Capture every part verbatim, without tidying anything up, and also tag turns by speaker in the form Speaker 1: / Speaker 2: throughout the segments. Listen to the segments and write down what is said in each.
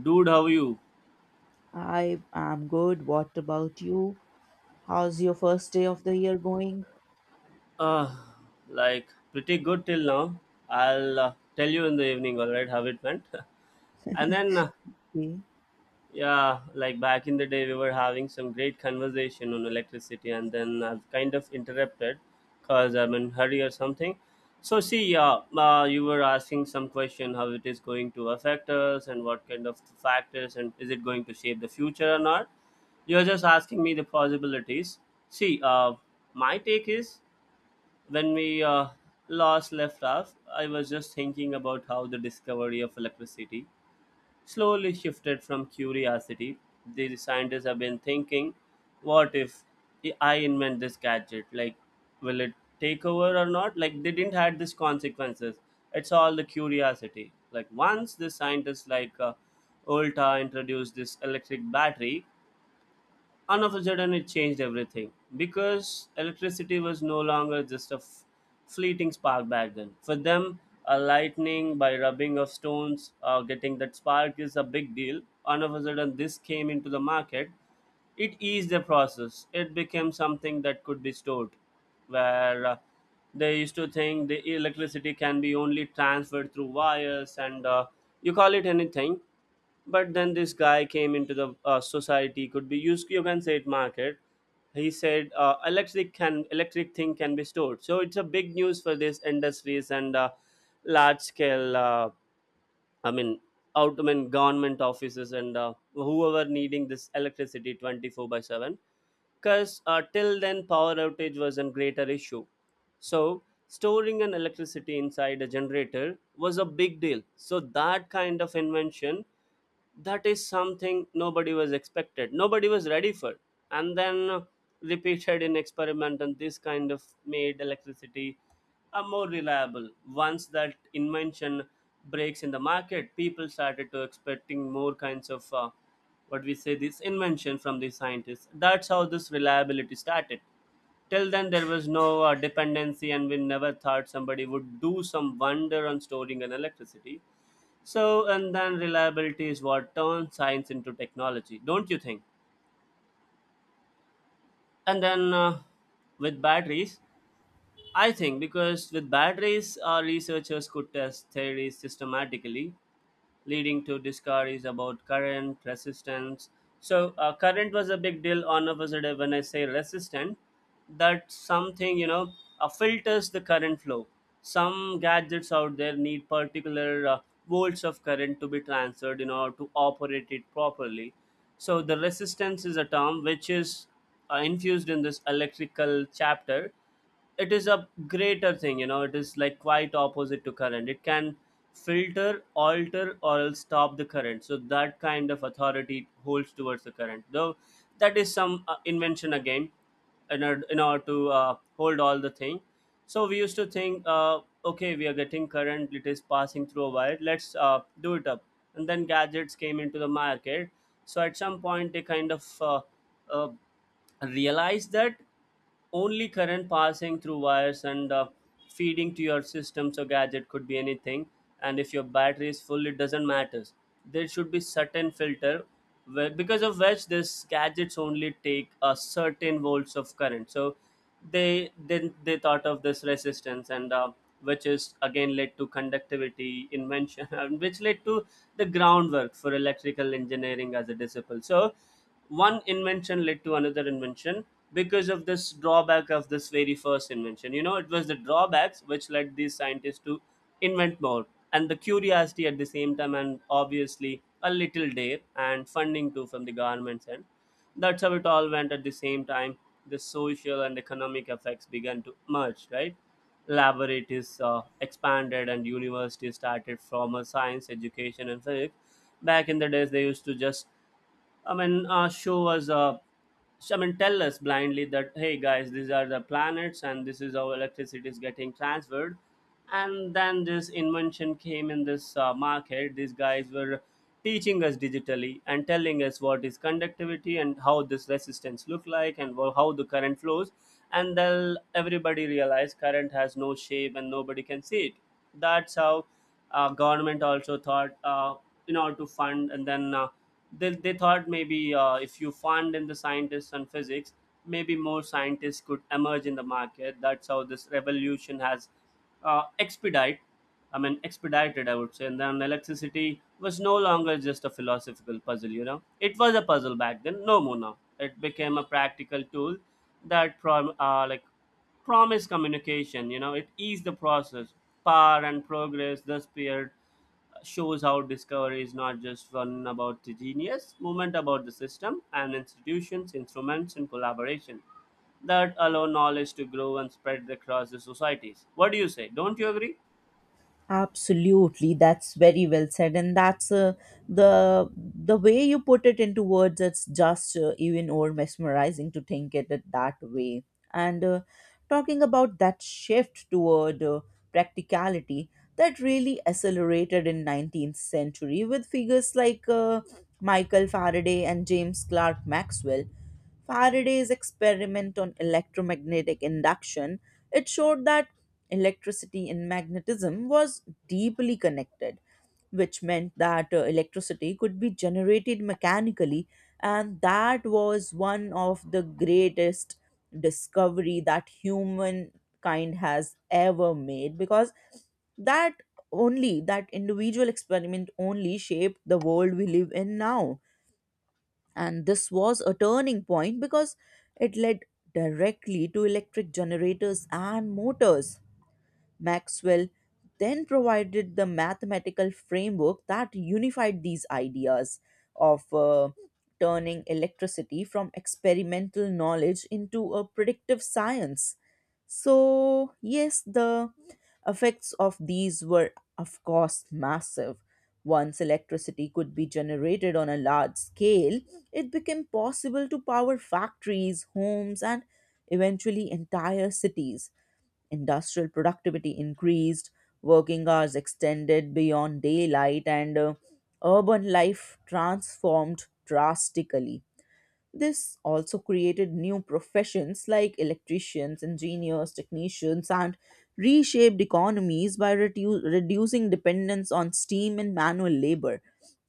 Speaker 1: Dude, how you?
Speaker 2: I am good. What about you? How's your first day of the year going?
Speaker 1: Uh, like pretty good till now. I'll uh, tell you in the evening, all right, how it went. and then, uh,
Speaker 2: Okay.
Speaker 1: yeah, like back in the day, we were having some great conversation on electricity, and then I've kind of interrupted because I'm in hurry or something. So, see, yeah, uh, you were asking some question how it is going to affect us and what kind of factors and is it going to shape the future or not. You're just asking me the possibilities. See, uh, my take is, When we uh, last left off, I was just thinking about how the discovery of electricity slowly shifted from curiosity. The scientists have been thinking, what if I invent this gadget? Like, will it take over or not? Like, they didn't had these consequences. It's all the curiosity. Like, once the scientists like uh, Olta introduced this electric battery, and of a sudden it changed everything because electricity was no longer just a f- fleeting spark back then. For them, a lightning by rubbing of stones, uh, getting that spark is a big deal. And of a sudden this came into the market. It eased the process. It became something that could be stored, where uh, they used to think the electricity can be only transferred through wires and, uh, you call it anything. But then this guy came into the, uh, society, could be used, you can say it, market. He said, uh, electric can electric thing can be stored, so it's a big news for these industries and, uh, large scale. uh, i mean out I mean, government offices and, uh, whoever needing this electricity twenty-four by seven, because, uh, till then power outage was a greater issue. So storing an electricity inside a generator was a big deal, so that kind of invention, that is something nobody was expected, nobody was ready for. And then repeated in experiment, and this kind of made electricity a more reliable once that invention breaks in the market. People started to expecting more kinds of, uh, what we say, this invention from the scientists. That's how this reliability started. Till then there was no uh, dependency, and we never thought somebody would do some wonder on storing an electricity. So, and then reliability is what turns science into technology, don't you think? And then, uh, with batteries, I think, because with batteries, our researchers could test theories systematically, leading to discoveries about current resistance. So, uh, current was a big deal on a positive. When I say resistant, that's something, you know, uh, filters the current flow. Some gadgets out there need particular, uh, volts of current to be transferred in order to operate it properly. So the resistance is a term which is, uh, infused in this electrical chapter. It is a greater thing, you know, it is like quite opposite to current. It can filter, alter or else stop the current, so that kind of authority it holds towards the current, though. That is some, uh, invention again, in order, in order to, uh, hold all the thing. So we used to think, uh, okay, we are getting current, it is passing through a wire, let's, uh, do it up. And then gadgets came into the market, so at some point they kind of, uh, uh, realize that only current passing through wires and, uh, feeding to your system, so gadget could be anything. And if your battery is full, it doesn't matter, there should be certain filter, where, because of which this gadgets only take a certain volts of current. So they, then they thought of this resistance, and, uh, which is again led to conductivity invention. And which led to the groundwork for electrical engineering as a discipline. So one invention led to another invention because of this drawback of this very first invention. You know, it was the drawbacks which led these scientists to invent more, and the curiosity at the same time, and obviously a little dare and funding too from the government's end. That's how it all went. At the same time, the social and economic effects began to merge, right? Laboratories, uh, expanded, and universities started formal science education and physics. Back in the days they used to just, I mean, uh, show us, uh, I mean, tell us blindly that, hey guys, these are the planets and this is how electricity is getting transferred. And then this invention came in, this, uh, market, these guys were teaching us digitally and telling us what is conductivity and how this resistance look like, and wha- how the current flows. And then everybody realized current has no shape and nobody can see it. That's how, uh, government also thought, uh, in order to fund, and then, uh, they, they thought, maybe, uh, if you fund in the scientists and physics, maybe more scientists could emerge in the market. That's how this revolution has, uh, expedite i mean expedited, I would say. And then electricity was no longer just a philosophical puzzle. You know, it was a puzzle back then, no more. Now it became a practical tool that prom- uh, like promised communication. You know, it eased the process. Power and progress thus appeared, shows how discovery is not just one about the genius, movement about the system and institutions, instruments, and collaboration that allow knowledge to grow and spread across the societies. What do you say? Don't you agree?
Speaker 2: Absolutely, that's very well said, and that's uh, the the way you put it into words. It's just uh, even more mesmerizing to think it it that way. And uh, talking about that shift toward uh, practicality, that really accelerated in nineteenth century with figures like uh, Michael Faraday and James Clerk Maxwell. Faraday's experiment on electromagnetic induction, it showed that electricity and magnetism was deeply connected, which meant that uh, electricity could be generated mechanically, and that was one of the greatest discovery that humankind has ever made, because that only that individual experiment only shaped the world we live in now, and this was a turning point because it led directly to electric generators and motors. Maxwell then provided the mathematical framework that unified these ideas of uh, turning electricity from experimental knowledge into a predictive science. So, yes, the effects of these were, of course, massive. Once electricity could be generated on a large scale, it became possible to power factories, homes, and eventually entire cities. Industrial productivity increased, working hours extended beyond daylight, and uh, urban life transformed drastically. This also created new professions like electricians, engineers, technicians, and reshaped economies by redu- reducing dependence on steam and manual labor.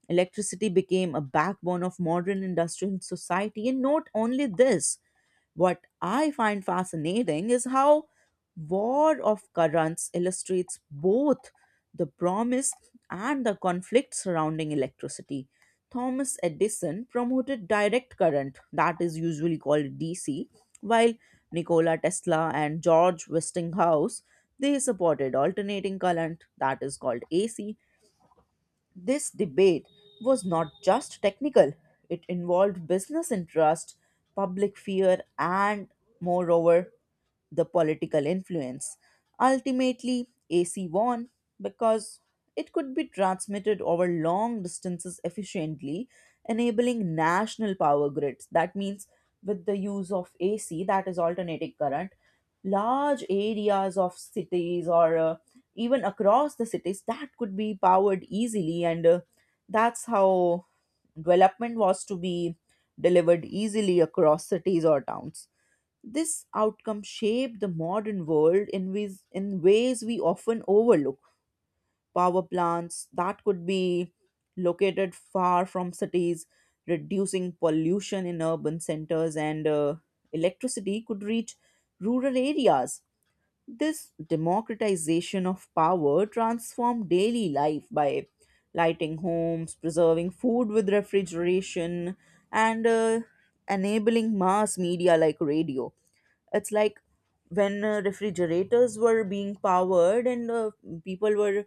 Speaker 2: Electricity became a backbone of modern industrial society, and not only this, what I find fascinating is how War of Currents illustrates both the promise and the conflict surrounding electricity. Thomas Edison promoted direct current, that is usually called D C, while Nikola Tesla and George Westinghouse they supported alternating current, that is called A C. This debate was not just technical, it involved business interest, public fear, and moreover the political influence. Ultimately, A C won because it could be transmitted over long distances efficiently, enabling national power grids. That means, with the use of A C, that is alternating current, large areas of cities or uh, even across the cities that could be powered easily, and uh, that's how development was to be delivered easily across cities or towns. This outcome shaped the modern world in ways, in ways we often overlook. Power plants that could be located far from cities, reducing pollution in urban centers, and uh, electricity could reach rural areas. This democratization of power transformed daily life by lighting homes, preserving food with refrigeration, and uh, enabling mass media like radio. It's like when uh, refrigerators were being powered and uh, people were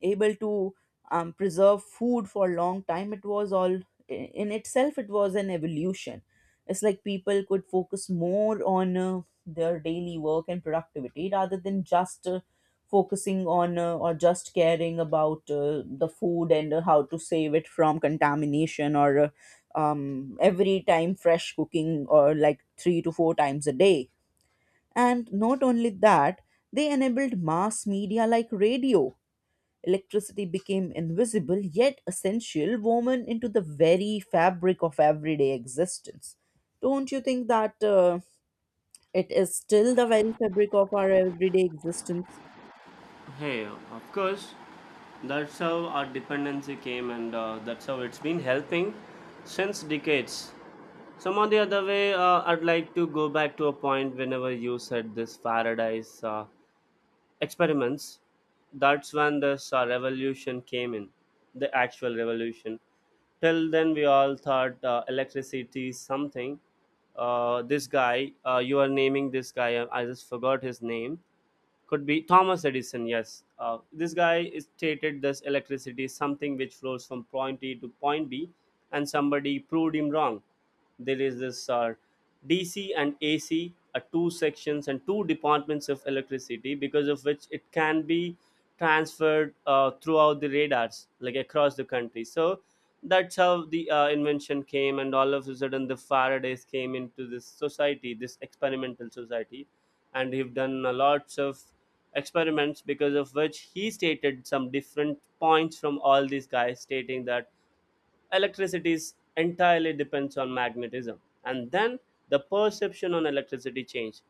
Speaker 2: able to um, preserve food for a long time, it was all in itself, it was an evolution. It's like people could focus more on uh, their daily work and productivity rather than just uh, focusing on uh, or just caring about uh, the food and uh, how to save it from contamination or uh, um, every time fresh cooking or like three to four times a day. And not only that, they enabled mass media like radio. Electricity became invisible yet essential, woven into the very fabric of everyday existence. Don't you think that uh, it is still the very fabric of our everyday existence?
Speaker 1: Hey, of course. That's how our dependency came, and, uh, that's how it's been helping since decades. Some of the other way, uh, I'd like to go back to a point whenever you said this paradise. Uh, experiments, that's when this, uh, revolution came in, the actual revolution. Till then we all thought, uh, electricity is something, uh, this guy, uh, you are naming this guy, uh, I just forgot his name. Could be Thomas Edison. Yes, uh, this guy stated this electricity is something which flows from point A to point B, and somebody proved him wrong. There is this, uh, D C and A C are two sections and two departments of electricity, because of which it can be transferred, uh, throughout the radars, like across the country. So that's how the, uh, invention came, and all of a sudden the Faradays came into this society, this experimental society, and he've done a lots of experiments because of which he stated some different points from all these guys, stating that electricity is entirely depends on magnetism. And then the perception on electricity changed.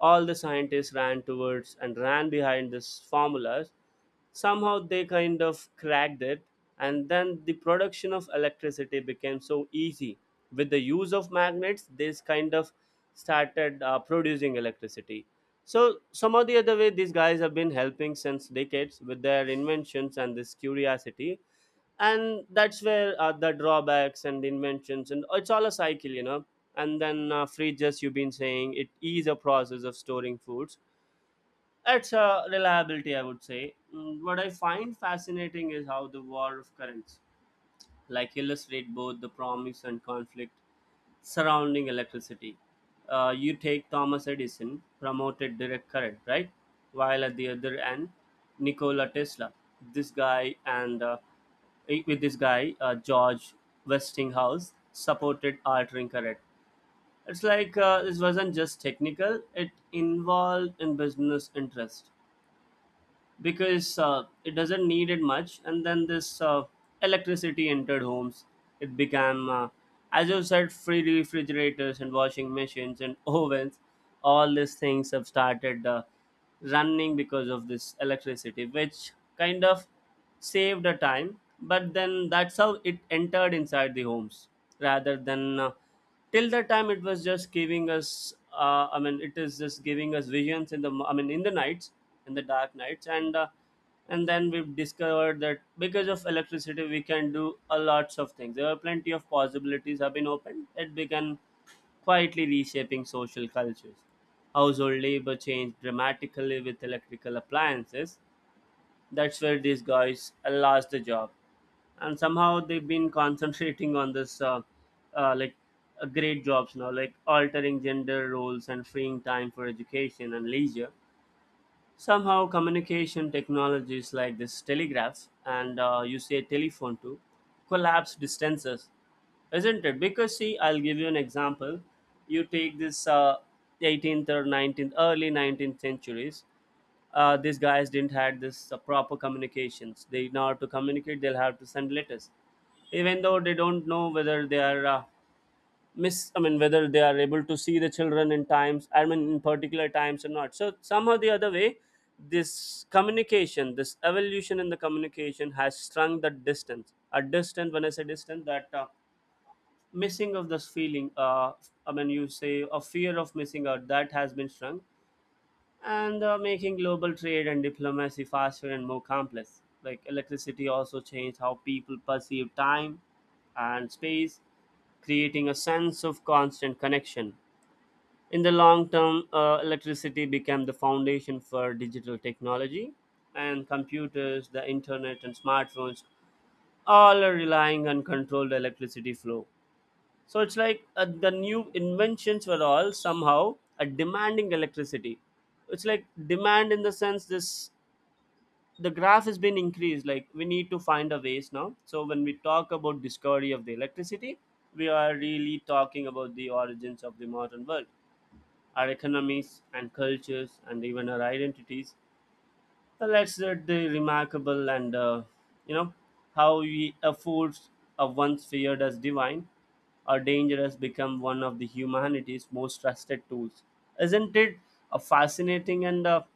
Speaker 1: All the scientists ran towards and ran behind this formulas. Somehow they kind of cracked it, and then the production of electricity became so easy with the use of magnets. This kind of started, uh, producing electricity. So some or the other way, these guys have been helping since decades with their inventions and this curiosity. And that's where, uh, the drawbacks and inventions, and it's all a cycle, you know. And then, uh, fridges, you've been saying it is a process of storing foods. It's a reliability, I would say. Mm, what I find fascinating is how the war of currents like illustrate both the promise and conflict surrounding electricity. Uh, you take Thomas Edison, promoted direct current, right? While at the other end, Nikola Tesla. This guy, and, uh, with this guy, uh, George Westinghouse, supported altering current. It's like, uh, this wasn't just technical; it involved in business interest, because, uh, it doesn't need it much. And then this, uh, electricity entered homes. It became, uh, as you said, free refrigerators and washing machines and ovens, all these things have started, uh, running because of this electricity, which kind of saved the time. But then that's how it entered inside the homes, rather than, uh, till that time it was just giving us, uh, I mean it is just giving us visions in the, mo- I mean in the nights, in the dark nights, and, uh, and then we've discovered that because of electricity we can do a lots of things. There are plenty of possibilities have been opened. It began quietly reshaping social cultures. Household labor changed dramatically with electrical appliances. That's where these guys lost the job, and somehow they've been concentrating on this, uh, uh, like, uh, great jobs now, like altering gender roles and freeing time for education and leisure. Somehow communication technologies like this telegraphs and, uh, you say telephone to collapse distances, isn't it? Because, see, I'll give you an example. You take this, uh, eighteenth or nineteenth, early nineteenth centuries, uh, these guys didn't had this, uh, proper communications. They, in order to communicate, they'll have to send letters, even though they don't know whether they are, uh, miss I mean whether they are able to see the children in times, I mean in particular times or not. So somehow the other way, this communication, this evolution In the communication has shrunk that distance, a distance. When I say distance, that uh, missing of this feeling, uh, I mean you say a fear of missing out, that has been shrunk, and uh, making global trade and diplomacy faster and more complex. Like electricity also changed how people perceive time and space, creating a sense of constant connection. In the long term, uh, electricity became the foundation for digital technology, and computers, the internet, and smartphones all are relying on controlled electricity flow. So it's like uh, the new inventions were all somehow uh, demanding electricity. It's like demand in the sense this the graph has been increased. Like we need to find a ways now. So when we talk about discovery of the electricity, we are really talking about the origins of the modern world, our economies and cultures and even our identities. Uh, Let's let the remarkable and uh, you know how we a force, uh, once feared as divine or dangerous, become one of the humanity's most trusted tools. Isn't it a fascinating and a,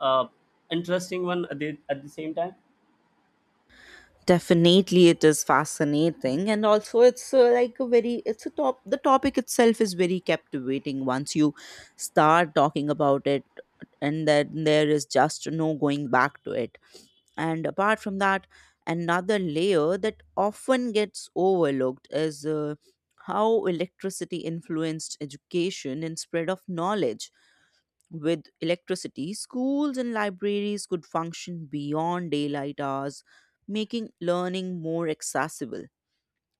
Speaker 1: uh interesting one at the, at the same time?
Speaker 2: Definitely it is fascinating, and also it's uh, like a very, it's a top the topic itself is very captivating once you start talking about it, and then there is just no going back to it. And apart from that, another layer that often gets overlooked is uh, how electricity influenced education and spread of knowledge. With electricity, schools and libraries could function beyond daylight hours, making learning more accessible.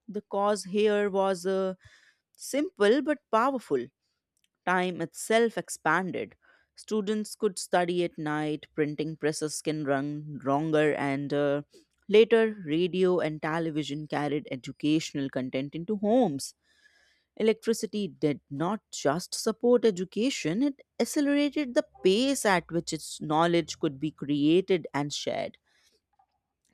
Speaker 2: The cause here was uh, simple but powerful. Time itself expanded. Students could study at night, printing presses can run longer, and uh, later radio and television carried educational content into homes. Electricity did not just support education, it accelerated the pace at which its knowledge could be created and shared.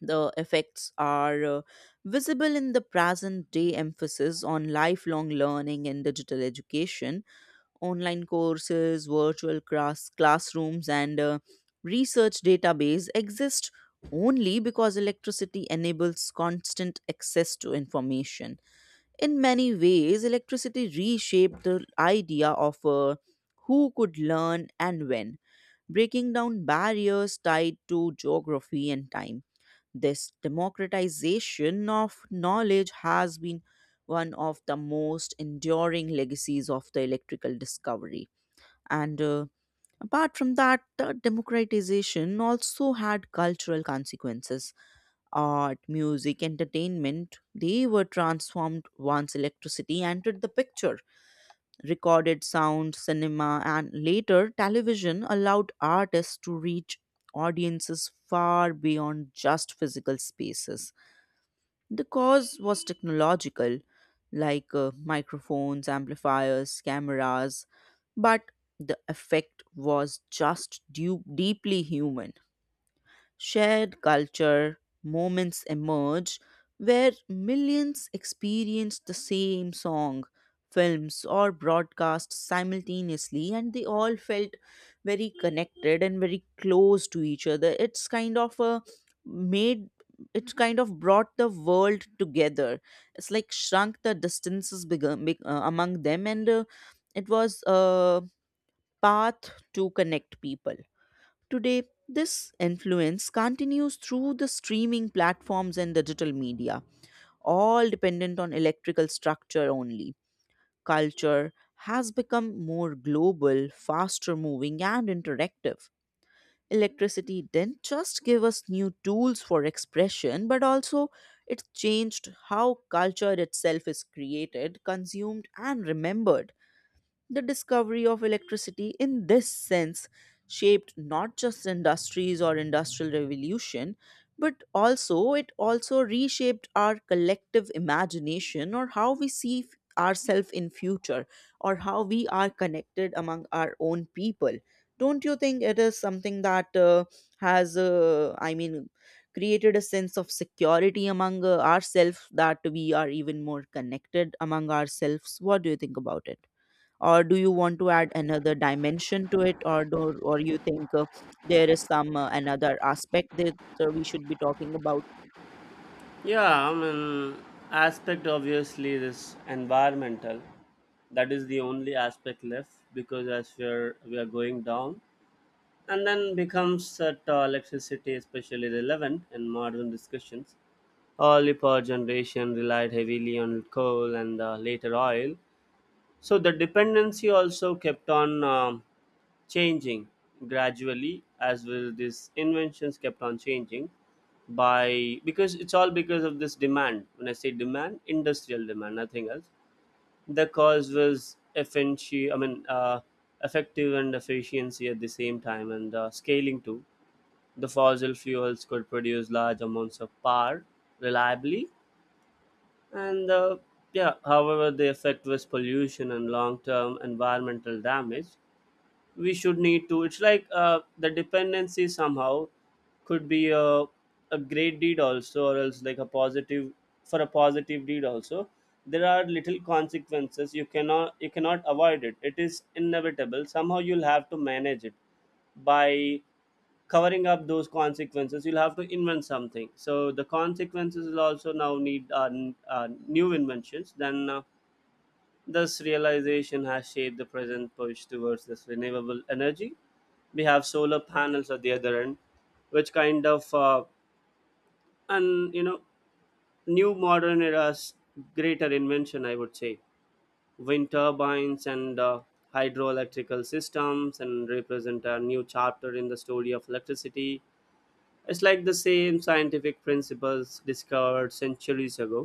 Speaker 2: The effects are uh, visible in the present day emphasis on lifelong learning and digital education, online courses, virtual class, classrooms, and uh, research database exist only because electricity enables constant access to information. In many ways, electricity reshaped the idea of uh, who could learn and when, breaking down barriers tied to geography and time. This democratization of knowledge has been one of the most enduring legacies of the electrical discovery. And uh, apart from that, the democratization also had cultural consequences. Art, music, entertainment, they were transformed once electricity entered the picture. Recorded sound, cinema, and later television allowed artists to reach audiences far beyond just physical spaces. The cause was technological, like uh, microphones, amplifiers, cameras, but the effect was just du- deeply human. Shared culture moments emerge where millions experience the same song, films, or broadcast simultaneously, and they all felt very connected and very close to each other. It's kind of a made it's kind of brought the world together. It's like shrunk the distances beg- among them, and uh, it was a path to connect people. Today, this influence continues through the streaming platforms and digital media, all dependent on electrical structure only. Culture has become more global, faster moving, and interactive. Electricity didn't just give us new tools for expression, but also it changed how culture itself is created, consumed, and remembered. The discovery of electricity, in this sense, shaped not just industries or industrial revolution, but also it also reshaped our collective imagination or how we see f- ourselves in future or how we are connected among our own people. Don't you think it is something that uh, has, uh, I mean, created a sense of security among uh, ourselves that we are even more connected among ourselves? What do you think about it? Or do you want to add another dimension to it, or do, or you think uh, there is some uh, another aspect that uh, we should be talking about?
Speaker 1: Yeah, I mean, aspect obviously is environmental. That is the only aspect left because as we're we are going down, and then becomes that uh, electricity especially relevant in modern discussions. Early power generation relied heavily on coal and uh, later oil, so the dependency also kept on um, changing gradually as well. These inventions kept on changing by because it's all because of this demand. When I say demand, industrial demand, nothing else. The cause was efficiency. I mean, uh, effective and efficiency at the same time, and uh, scaling too. The fossil fuels could produce large amounts of power reliably, and uh, yeah, however, the effect was pollution and long-term environmental damage. We should need to. It's like uh, the dependency somehow could be a, a great deed also, or else like a positive, for a positive deed also. There are little consequences. You cannot you cannot avoid it. It is inevitable. Somehow you'll have to manage it by covering up those consequences. You'll have to invent something, so the consequences will also now need uh, n- uh, new inventions. Then uh, This realization has shaped the present push towards this renewable energy. We have solar panels at the other end, which kind of uh, and you know new modern era's greater invention, I would say, wind turbines and uh, hydroelectrical systems, and represent a new chapter in the story of electricity. It's like the same scientific principles discovered centuries ago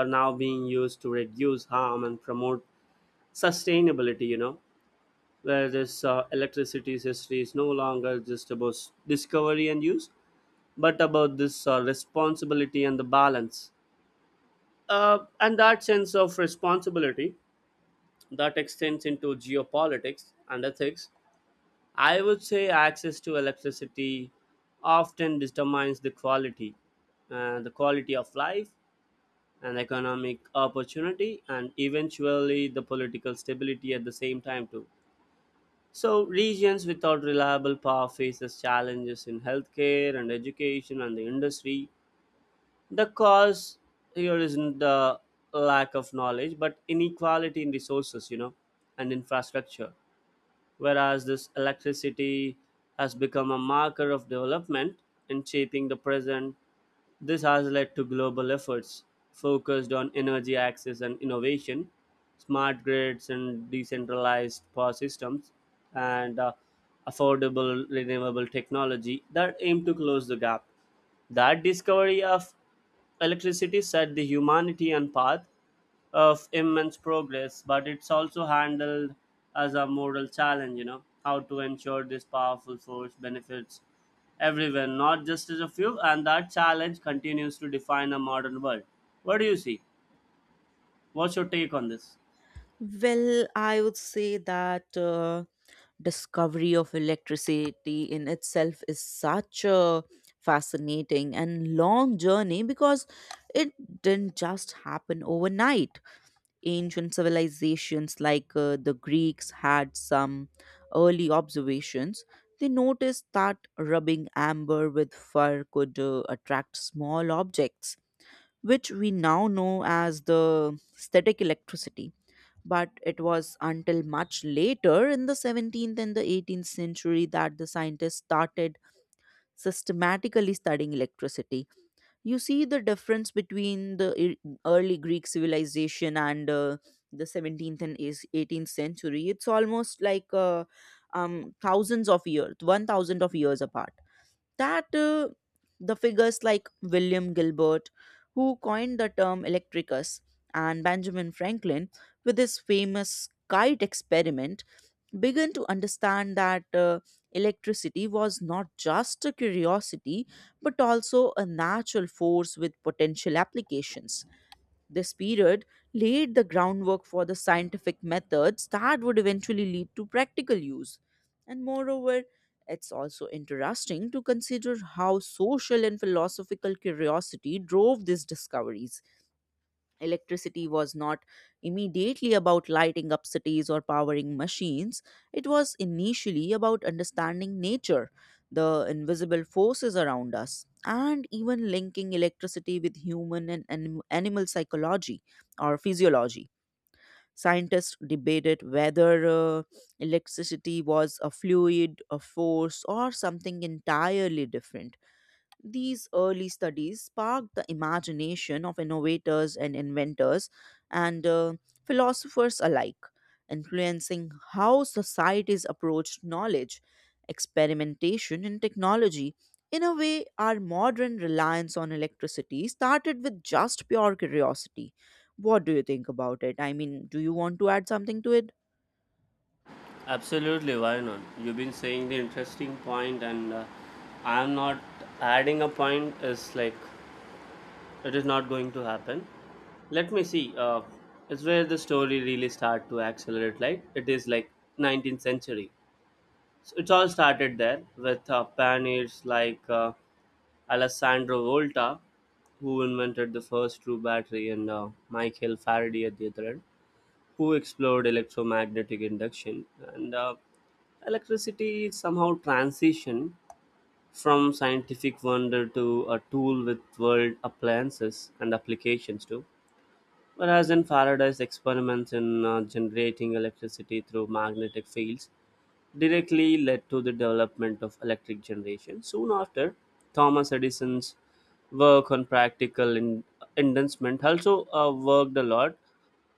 Speaker 1: are now being used to reduce harm and promote sustainability, you know, where this uh, electricity's history is no longer just about s- discovery and use, but about this uh, responsibility and the balance. Uh, and that sense of responsibility that extends into geopolitics and ethics. I would say access to electricity often determines the quality, uh, the quality of life, and economic opportunity, and eventually the political stability at the same time too. So regions without reliable power faces challenges in healthcare and education and the industry. The cause here isn't the lack of knowledge, but inequality in resources, you know, and infrastructure, whereas this electricity has become a marker of development in shaping the present. This has led to global efforts focused on energy access and innovation, smart grids and decentralized power systems, and uh, affordable renewable technology that aim to close the gap. That discovery of electricity set the humanity on path of immense progress, but it's also handled as a moral challenge, you know, how to ensure this powerful force benefits everyone, not just as a few, and that challenge continues to define a modern world. What do you see? What's your take on this?
Speaker 2: Well, I would say that uh, discovery of electricity in itself is such a fascinating and long journey because it didn't just happen overnight. Ancient civilizations like uh, the Greeks had some early observations. They noticed that rubbing amber with fur could uh, attract small objects, which we now know as the static electricity. But it was until much later in the seventeenth and the eighteenth century that the scientists started systematically studying electricity. You see the difference between the e- early Greek civilization and uh, the seventeenth and is- eighteenth century. It's almost like uh, um, thousands of years one thousand of years apart, that uh, the figures like William Gilbert, who coined the term electricus, and Benjamin Franklin, with his famous kite experiment, began to understand that uh, electricity was not just a curiosity but also a natural force with potential applications. This period laid the groundwork for the scientific methods that would eventually lead to practical use. And moreover, it's also interesting to consider how social and philosophical curiosity drove these discoveries. Electricity was not immediately about lighting up cities or powering machines. It was initially about understanding nature, the invisible forces around us, and even linking electricity with human and anim- animal psychology or physiology. Scientists debated whether uh, electricity was a fluid, a force, or something entirely different. These early studies sparked the imagination of innovators and inventors, and uh, philosophers alike, influencing how societies approached knowledge, experimentation, and technology. In a way, our modern reliance on electricity started with just pure curiosity. What do you think about it? I mean, do you want to add something to it?
Speaker 1: Absolutely, why not? You've been saying the interesting point, and uh, I'm not adding a point. Is like it is not going to happen. Let me see. Uh, it's where the story really start to accelerate. Like it is like nineteenth century. So it all started there with uh, pioneers like uh, Alessandro Volta, who invented the first true battery, and uh, Michael Faraday at the other end, who explored electromagnetic induction, and uh, electricity somehow transition from scientific wonder to a tool with world appliances and applications too. Whereas in Faraday's experiments in uh, generating electricity through magnetic fields directly led to the development of electric generation. Soon after, Thomas Edison's work on practical in- inducement also uh, worked a lot.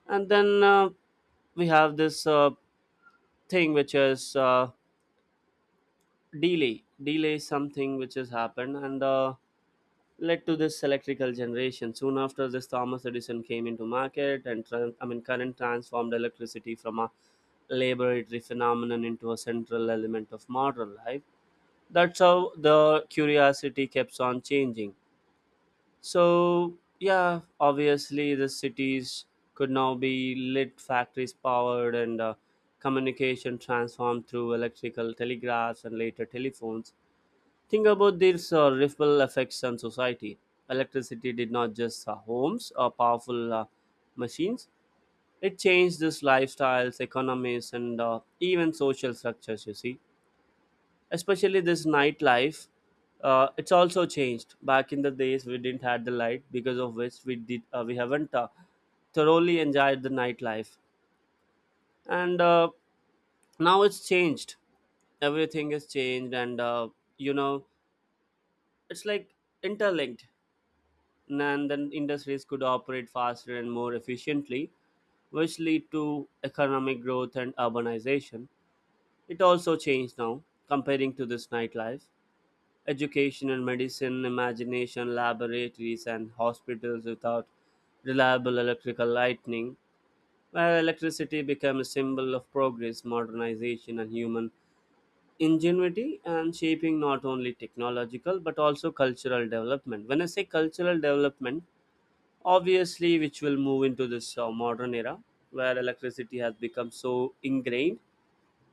Speaker 1: And then uh, We have this uh, thing which is uh, delay. Delay is something which has happened, and uh, led to this electrical generation. Soon after this, Thomas Edison came into market and tran- I mean current transformed electricity from a laboratory phenomenon into a central element of modern life. That's how the curiosity keeps on changing. So yeah, obviously the cities could now be lit, factories powered, and uh, communication transformed through electrical telegraphs and later telephones. Think about this uh, ripple effects on society. Electricity did not just uh, homes or powerful uh, machines, it changed this lifestyles, economies, and uh, even social structures, you see. Especially this nightlife, uh, it's also changed. Back in the days, we didn't had the light, because of which we did uh, we haven't uh, thoroughly enjoyed the nightlife. And uh, Now it's changed, everything is changed, and uh, you know it's like interlinked, and then industries could operate faster and more efficiently, which lead to economic growth and urbanization. It also changed now, comparing to this nightlife. Education and medicine, imagination, laboratories, and hospitals without reliable electrical lightning, where electricity became a symbol of progress, modernization, and human ingenuity, and shaping not only technological but also cultural development. When I say cultural development, obviously which will move into this uh, modern era where electricity has become so ingrained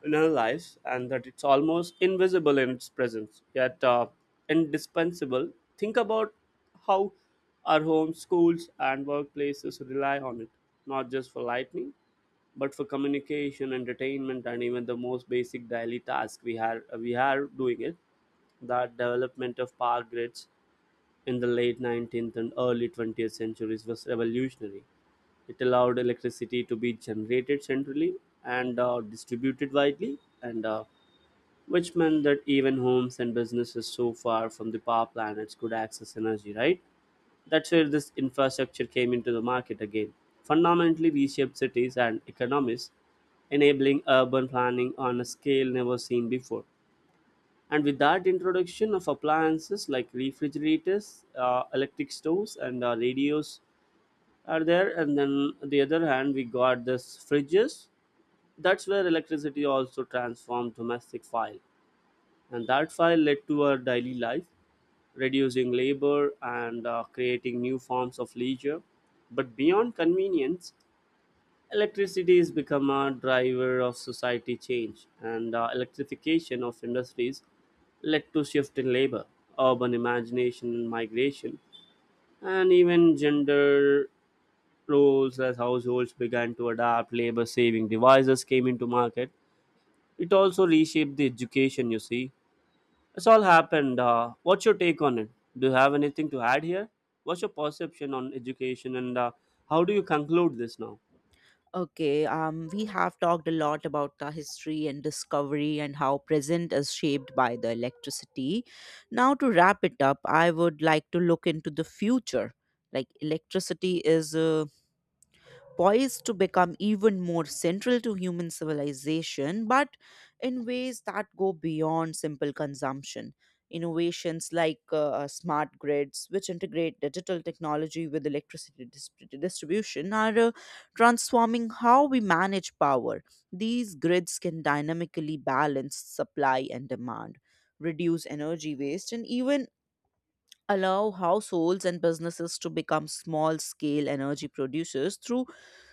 Speaker 1: in our lives, and that it's almost invisible in its presence yet uh, indispensable. Think about how our homes, schools and workplaces rely on it, not just for lightning, but for communication, entertainment, and even the most basic daily task. We are we are doing it. The development of power grids in the late nineteenth and early twentieth centuries was revolutionary. It allowed electricity to be generated centrally and uh, distributed widely, and uh, which meant that even homes and businesses so far from the power plants could access energy, right? That's where this infrastructure came into the market again, fundamentally reshaped cities and economies, enabling urban planning on a scale never seen before. And with that introduction of appliances like refrigerators, uh, electric stoves, and uh, radios are there. And then on the other hand, we got this fridges. That's where electricity also transformed domestic file, and that file led to our daily life, reducing labor and uh, creating new forms of leisure. But beyond convenience, electricity has become a driver of society change, and uh, electrification of industries led to shift in labor, urban imagination and migration, and even gender roles as households began to adapt, labor-saving devices came into market. It also reshaped the education, you see. It's all happened. Uh, what's your take on it? Do you have anything to add here? What's your perception on education, and uh, how do you conclude this now?
Speaker 2: Okay, um, we have talked a lot about the history and discovery and how present is shaped by the electricity. Now, to wrap it up, I would like to look into the future. Like, electricity is uh, poised to become even more central to human civilization, but in ways that go beyond simple consumption. Innovations like uh, uh, smart grids, which integrate digital technology with electricity dis- distribution, are uh, transforming how we manage power. These grids can dynamically balance supply and demand, reduce energy waste, and even allow households and businesses to become small scale energy producers through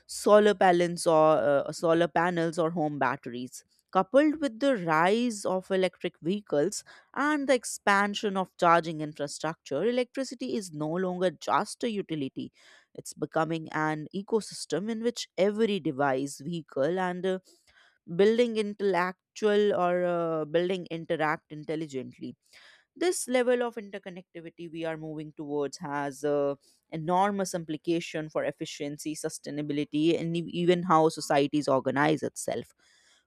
Speaker 2: solar panels or uh, solar panels or home batteries, coupled with the rise of electric vehicles and the expansion of charging infrastructure. Electricity is no longer just a utility, it's becoming an ecosystem in which every device, vehicle, and uh, building intellectual or uh, building interact intelligently. This level of interconnectivity we are moving towards has uh, enormous implication for efficiency, sustainability, and e- even how societies organize itself.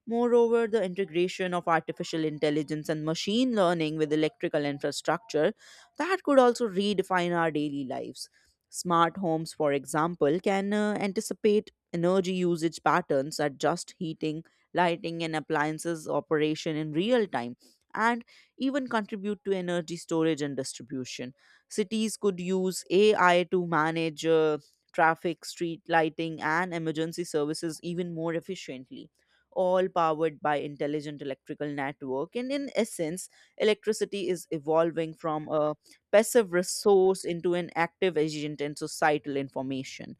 Speaker 2: Moreover, the integration of artificial intelligence and machine learning with electrical infrastructure that could also redefine our daily lives. Smart homes, for example, can uh, anticipate energy usage patterns, adjust heating, lighting, and appliances operation in real time, and even contribute to energy storage and distribution. Cities could use A I to manage uh, traffic, street lighting, and emergency services even more efficiently, all powered by intelligent electrical network. And in essence, electricity is evolving from a passive resource into an active agent in societal information.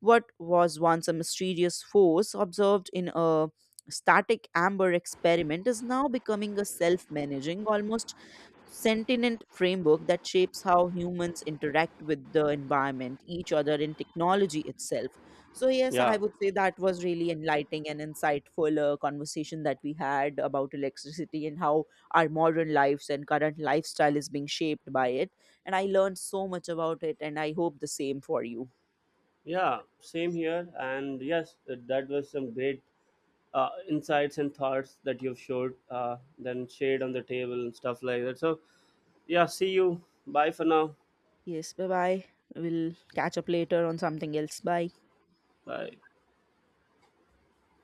Speaker 2: What was once a mysterious force observed in a static amber experiment is now becoming a self-managing, almost sentient framework that shapes how humans interact with the environment, each other, and technology itself. So, yes, I
Speaker 1: Yeah.
Speaker 2: would say that was really enlightening and insightful uh, conversation that we had about electricity and how our modern lives and current lifestyle is being shaped by it. And I learned so much about it, and I hope the same for you.
Speaker 1: Yeah, same here. And yes, that was some great uh, insights and thoughts that you've showed, uh, then shared on the table and stuff like that. So, yeah, see you. Bye for now.
Speaker 2: Yes, bye bye. We'll catch up later on something else. Bye.
Speaker 1: Bye.